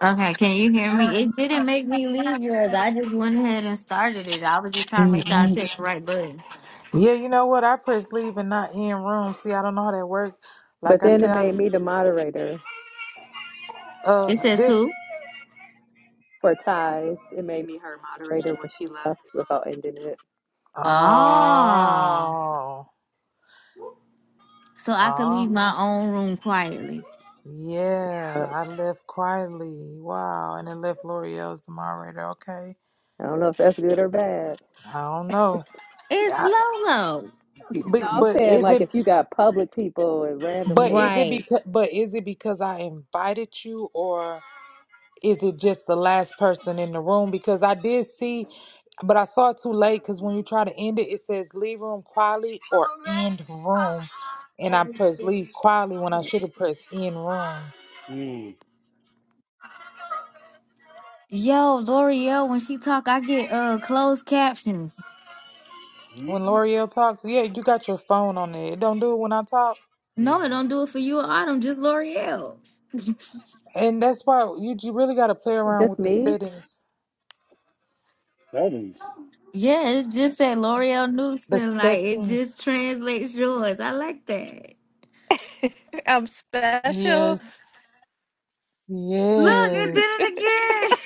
Okay, can you hear me? It didn't make me leave yours. I just went ahead and started it. I was just trying to make sure I Mhm. hit the right button. Yeah, you know what? I press leave and not in room. See, I don't know how that works. Like But I then it said, I, made me the moderator It of says this. who? for ties. It made me her moderator when she left without ending it Ah, Oh, so I could oh, leave my own room quietly. yeah. up. I left quietly. Wow, and it left L'Oreal as the moderator. Okay, I don't know if that's good or bad. I don't know. It's I, Lolo. but No, I'm but saying is like it if you got public people and but is randomly it Right. because but is it because I invited you or? is it just the last person in the room? Because I did see, but I saw it too late. Because when you try to end it, it says leave room quietly or end room, and I pressed leave quietly when I should have pressed end room. Mm. Yo, L'Oreal, when she talk, I get uh closed captions. Mm. When L'Oreal talks, yeah, you got your phone on there. It don't do it when I talk, Mm. No, it don't do it for you or Autumn, just L'Oreal. and that's why you you really got to play around just with the me. settings. That is. Yeah, it's just that L'Oreal The Newson, like it settings, just translates yours. I like that. yes, Look, it did yes, it again.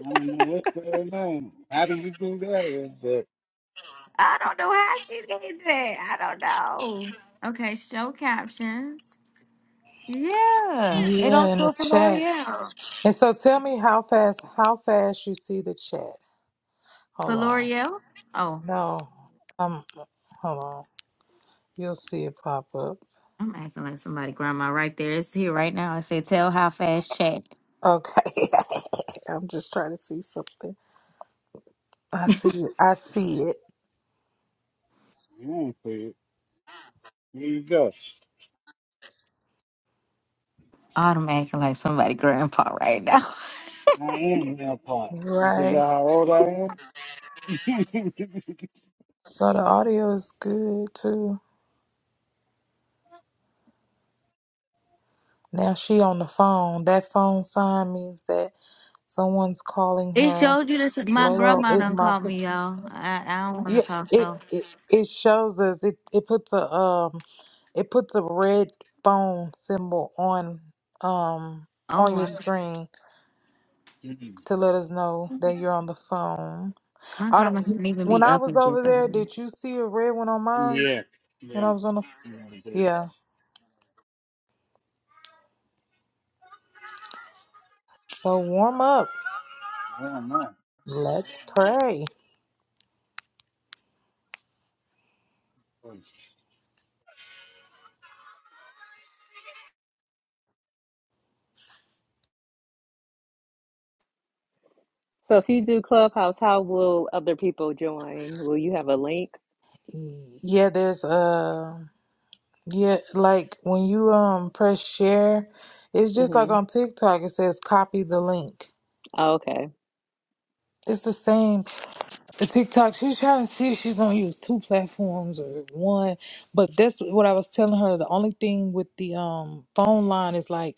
I don't know what's going on. How do you do that? Is that I don't know how she did that. I don't know. Okay, show captions. Yeah, it only yeah, in do the it for chat. L'Oreal. And so tell me how fast, how fast you see the chat. For Hold on. L'Oreal? Oh, No, um, hold on. You'll see it pop up. I'm acting like somebody grandma right there. It's here right now. I said, tell how fast chat. Okay, I'm just trying to see something. I see it. I see it. you don't see it. Here you go. Oh, I'm acting like somebody grandpa right now. I am now part. You Right. forgot how old I am? So the audio is good too. Now she on the phone. That phone sign means that someone's calling It her. showed you this. My Lolo grandma is done my. called me, y'all. I, I don't want Yeah, to talk though. it, it it shows us. It it puts a um it puts a red phone symbol on um Oh, on your I, screen. Mm. to let us know that you're on the phone. my I don't. grandma can't even When be I up was and over just there, um, did you see a red one on mine? yeah. When Yeah. I was on the, Yeah, but yeah. So warm up. I don't know. Let's pray. So if you do Clubhouse, how will other people join? Will you have a link? Yeah, there's uh, yeah, like when you um press share, it's just like Mm-hmm. on TikTok. It says copy the link. Oh, okay. It's the same. The TikTok. She's trying to see if she's gonna use two platforms or one. But that's what I was telling her. The only thing with the um phone line is like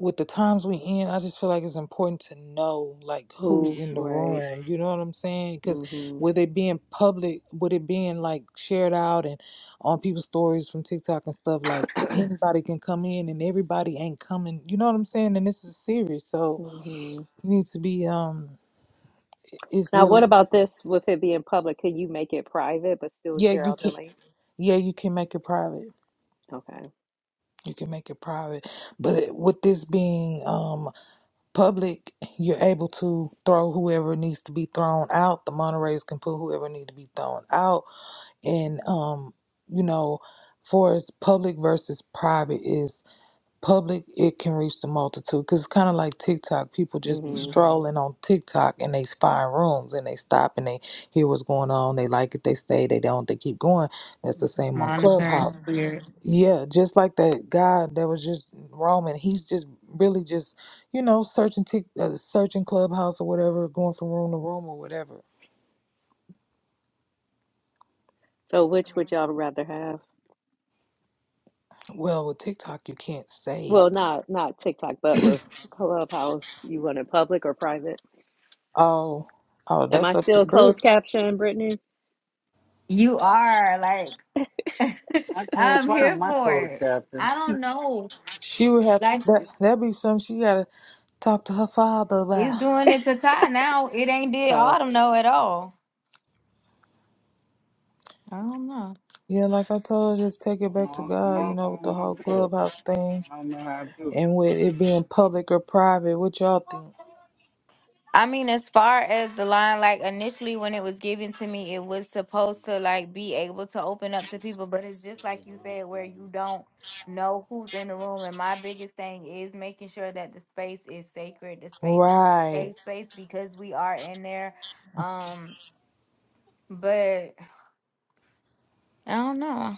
with the times we in, I just feel like it's important to know like who's Who? in the Right. room. You know what I'm saying? Because Mm-hmm. with it being public, with it being like shared out and on people's stories from TikTok and stuff, like anybody can come in and everybody ain't coming. You know what I'm saying? And this is serious, so mm-hmm. you need to be um. It's Now, really what about this? With it being public, can you make it private but still yeah. share You out can the link? yeah. You can make it private. Okay. You can make it private, but with this being um public, you're able to throw whoever needs to be thrown out. The Monterey's can put whoever need to be thrown out. And um, you know, for as public versus private is public, it can reach the multitude because it's kind of like TikTok. People just be Mhm. Mm-hmm. strolling on TikTok and they find rooms and they stop and they hear what's going on. They like it, they stay. They don't, they keep going. That's the same on Mhm. monitoring Clubhouse spirits. yeah, just like that guy that was just roaming. He's just really just, you know, searching tick, uh, searching clubhouse or whatever, going from room to room or whatever. So, which would y'all rather have? Well, with TikTok, you can't say, Well, not not TikTok, but with Clubhouse, you want it public or private? "Oh, oh, Am that's I up to still closed Brit." caption, Brittany? You are like. I can't I'm find here my for code, it. Captain. I don't know. She would have Like that. That'd be something she gotta talk to her father it's about. doing it to Ty now. It ain't did Oh, Autumn know at all. I don't know. Yeah, like I told her, just take it I back to don't, I God. You don't know, with the know how whole to do it. clubhouse thing I don't know how to and with it being public or private. What y'all think? I mean, as far as the line, like initially when it was given to me, it was supposed to like be able to open up to people, but it's just like you said, where you do don't know who's in the room. And my biggest thing is making sure that the space is sacred, the space Right. safe space because we are in there. Um, but I don't know.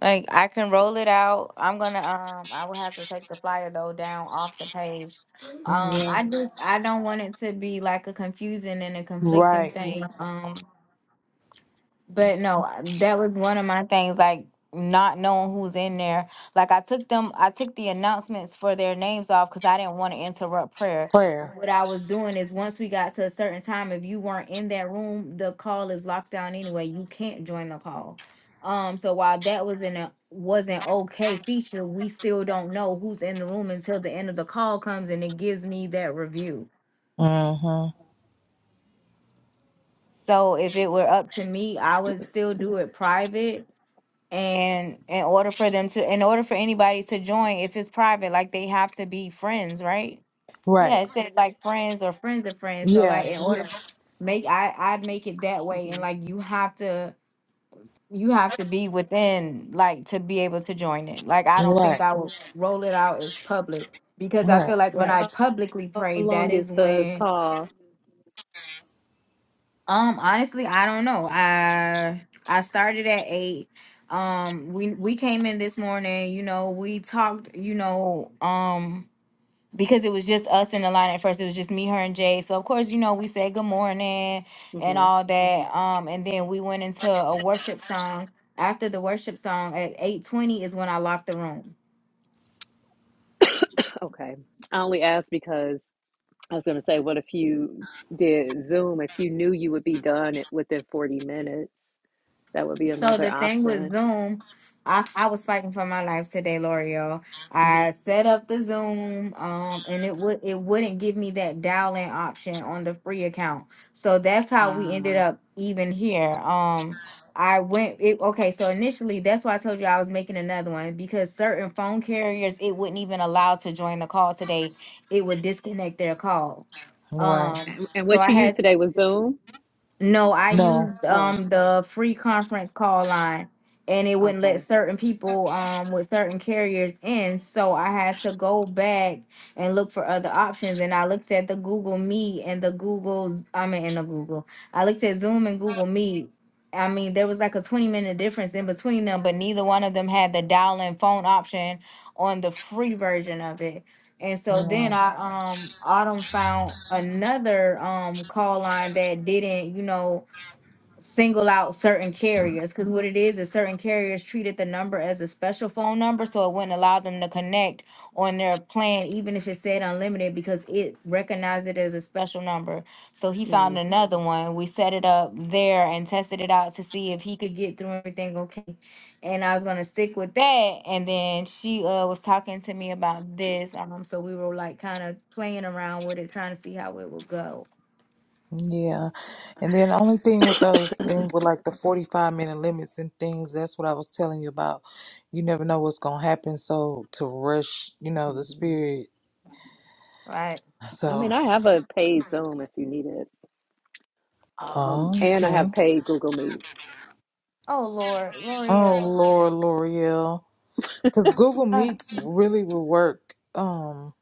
Like I can roll it out. I'm gonna um I will have to take the flyer though down off the page. Um Yeah. I do I don't want it to be like a confusing and a conflicting Right. thing. Um. But no, I- that was one of my things, like not knowing who's in there. Like I took them, I took the announcements for their names off because I didn't want to interrupt prayer. Prayer. And What I was doing is once we got to a certain time, if you weren't in that room, the call is locked down anyway. You can't join the call. Um, so while that was in a was an okay feature, we still don't know who's in the room until the end of the call comes and it gives me that review. Mm-hmm. So if it were up to me, I would still do it private And in order for them to, in order for anybody to join, if it's private, like they have to be friends, right? Right. Yeah, it said like friends or friends of friends. So Yeah. like in order, Yeah. make I I'd make it that way, and hmm like you have to you have to be within like to be able to join it. Like I don't think Right. I would roll it out as public because I Right. feel like when Right. I publicly how pray, that long is is the when call? Um, honestly, I don't know. I I started at eight. Um, we we came in this morning. You know, we talked. You know, um, because it was just us in the line at first. It was just me, her, and Jay. So of course, you know, we said good morning and hmm all that. Um, and then we went into a worship song. After the worship song at eight twenty is when I locked the room. Okay, I only asked because I was going to say, what if you did Zoom? If you knew you would be done it within forty minutes, that would be So another the thing with option. Zoom, I, I was fighting for my life today, L'Oreal. hmm I set up the Zoom, um, and it would it wouldn't give me that dial in option on the free account. So that's how we ended Uh, up even here. Um, I went it okay. So initially, that's why I told you I was making another one because certain phone carriers it wouldn't even allow to join the call today. It would disconnect their call. Right. Um, and, and so what I you used had today was Zoom? no, I No. used Oh, um the free conference call line and it wouldn't let okay. certain people um with certain carriers in. So I had to go back and look for other options. And I looked at the Google Meet and the Google's I mean in the Google. I looked at Zoom and Google Meet. I mean, there was like a 20 minute difference in between them, but neither one of them had the dial in phone option on the free version of it. And so Yeah. then I um Autumn found another um call line that didn't, you know, single out certain carriers because what it is is certain carriers treated the number as a special phone number so it wouldn't allow them to connect on their plan even if it said unlimited because it recognized it as a special number so he Mm-hmm. found another one we set it up there and tested it out to see if he could get through everything okay and i was going to stick with that and then she uh, was talking to me about this um so we were like kind of playing around with it trying to see how it would go Yeah. And then the only thing with those things with like the 45 minute limits and things, that's what I was telling you about. You never know what's going to happen. So to rush, you know, the Mm-hmm. spirit. right I So, mean, I have a paid Zoom if you need it. Um, and I okay. have paid Google Meets. oh lord Oh, l'oreal Laura L'Oreal. Because Google Uh, Meets really will work. Um,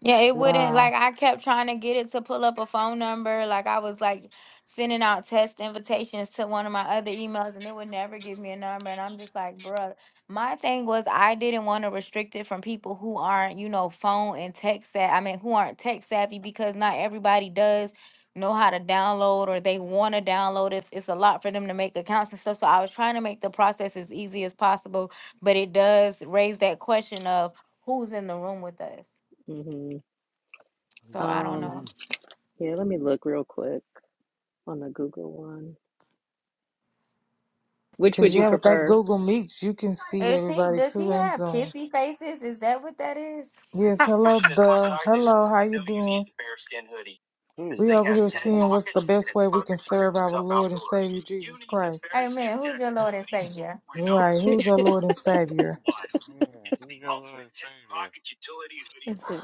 Yeah, it wouldn't wow. like I kept trying to get it to pull up a phone number. Like I was like sending out test invitations to one of my other emails and it would never give me a number. And I'm just like, bruh, my thing was I didn't want to restrict it from people who aren't, you know, phone and tech savvy. I mean, who aren't tech savvy because not everybody does know how to download or they want to download. It's, it's a lot for them to make accounts and stuff. So I was trying to make the process as easy as possible, but it does raise that question of who's in the room with us. hmm So I don't Um, it. know. yeah, let me look real quick on the Google one. Which Because, would you yeah, with that prefer? Google Meets, you can see Is he, everybody does too he in have Zoom. kissy faces? Is that what that is? Yes, hello, the hello. How you doing? This We over here seeing what's the best way we can serve our Lord and Savior Jesus Christ. Amen. Who's your Lord and Savior? Right? Who's your Lord and Savior?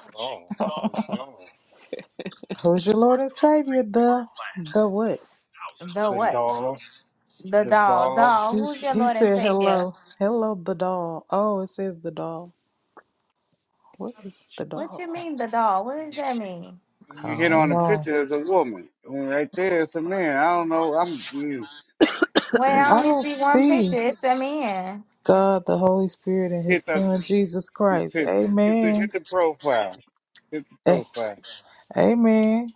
The dollar. Who's your Lord and Savior? The the what? The The what? dollar, The the doll. dollar. He Doll. Who's your he Lord and said Savior? hello, hello the doll. Oh, it says the doll. What is the What doll? you mean the doll? What does that mean? I You hit don't on the know. picture as a woman, and right there it's a man. I don't know. I'm mm, Wait, I I only mm. don't see one see picture. It's a man. God, the Holy Spirit, and His hit the Son hit, Jesus hit Christ. hit the Amen. hit the profile. Hit the A- profile. Amen.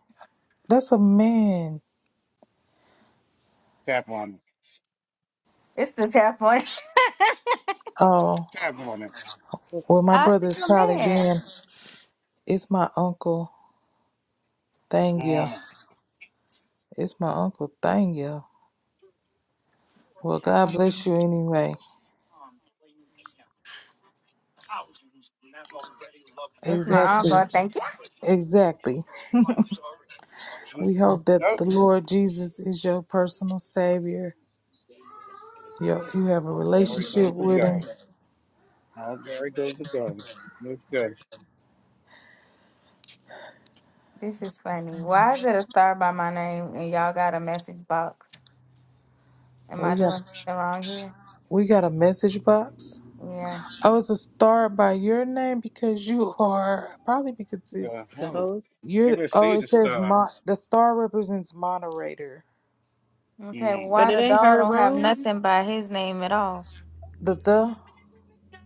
That's a man. Tap on it. It's the tap one. Oh. Tap on it. Well, my I see brother's a probably man. been. It's my uncle Thangya. It's my uncle Thangya. Well, God Um, bless you anyway. it's my Exactly. uncle. Thank you. Exactly. We hope that Mm. the Lord Jesus is your personal Savior. You you have a All glory relationship goes to with Him. God. All glory goes to God. That's good. This is funny. Why is it a star by my name and y'all got a message box? Am We I got doing something wrong here? we got a message box. Yeah. Oh, it's a star by your name because you are probably because it's Uh, The oh, host? I you're. can Oh, see it the says stars. mo- the star represents moderator. Okay, Mm. But why it the ain't dog her don't have room. nothing by his name at all? The the.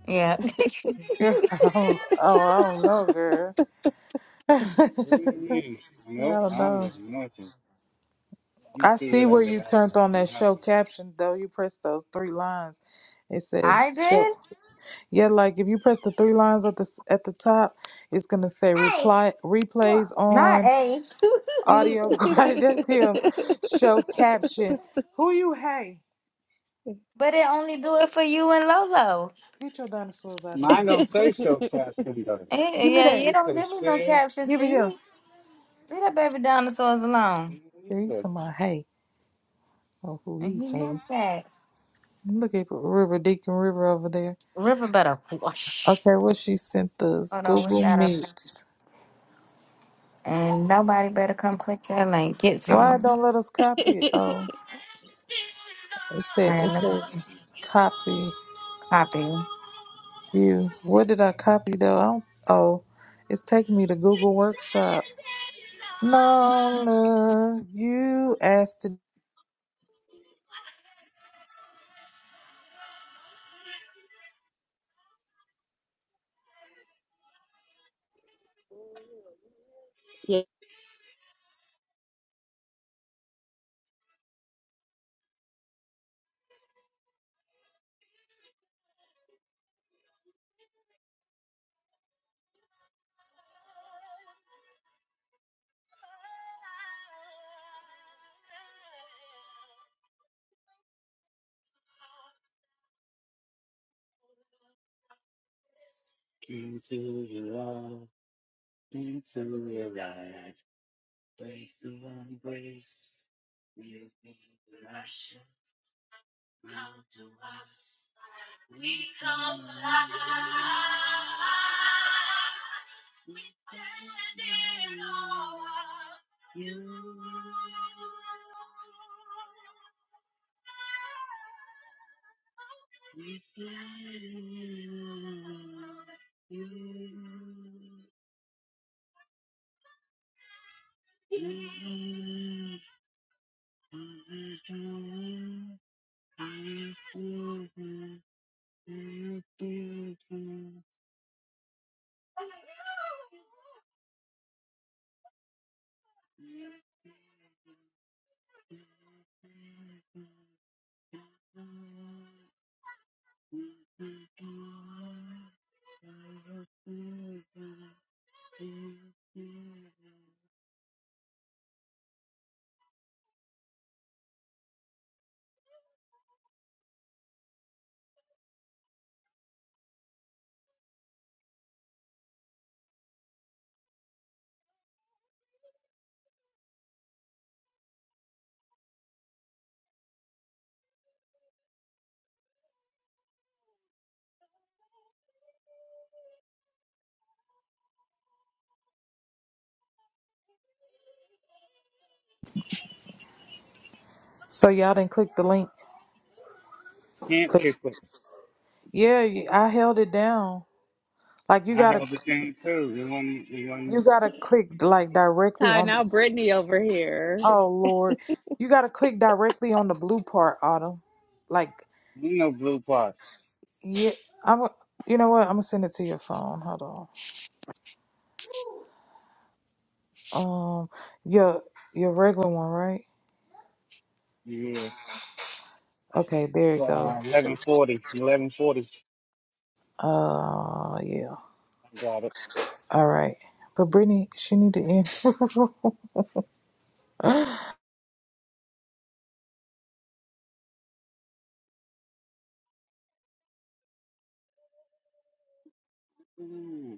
Yeah. Girl, I don't, oh, I don't know, girl. I What do you mean? Nope, don't I don't know. got nothing. You I see figure where out you that out. turned now. on You that have show to. caption, though. You pressed those three lines. It I says show. did, Yeah, like if you press the three lines at the s- at the top, it's gonna say Hey, reply replays look. not on A, yeah, audio. quality. That's him. Show caption. Who you hey? but it only do it for you and Lolo. Get your dinosaurs out of here. Mine don't say so fast, it does. Eh, Give me yeah, that. you You don't can give me no see. captions Give for it here. you. Leave that baby dinosaurs alone. Girl, you to it. my hey. Oh, who And he he hey? meant that. Look at River Deacon River over there. River better wash. Okay, what she sent us? Hold on, we Google gotta. Meets. And nobody better come click that link. Get Why it someone. don't let us copy it? Oh, it All said it right, let me says see. copy copy. you. What did I copy though? I don't, oh, it's taking me to Google Workshop. No, love you asked to. So y'all didn't click the link. Can't Click. pick it. Yeah, you- I held it down. Like you I gotta, held the thing too. You want? You you want? gotta click like directly Ty, on. The, now Brittany over here. oh Lord, you gotta click directly on the blue part, Autumn. Like You know, blue parts. Yeah, I'm. a- You know what? I'm gonna send it to your phone. Hold on. Um, your your regular one, right? Okay, there it goes. 1140. 1140. Uh, yeah. I got it. All right. But Brittany, she need to end. Mm-hmm.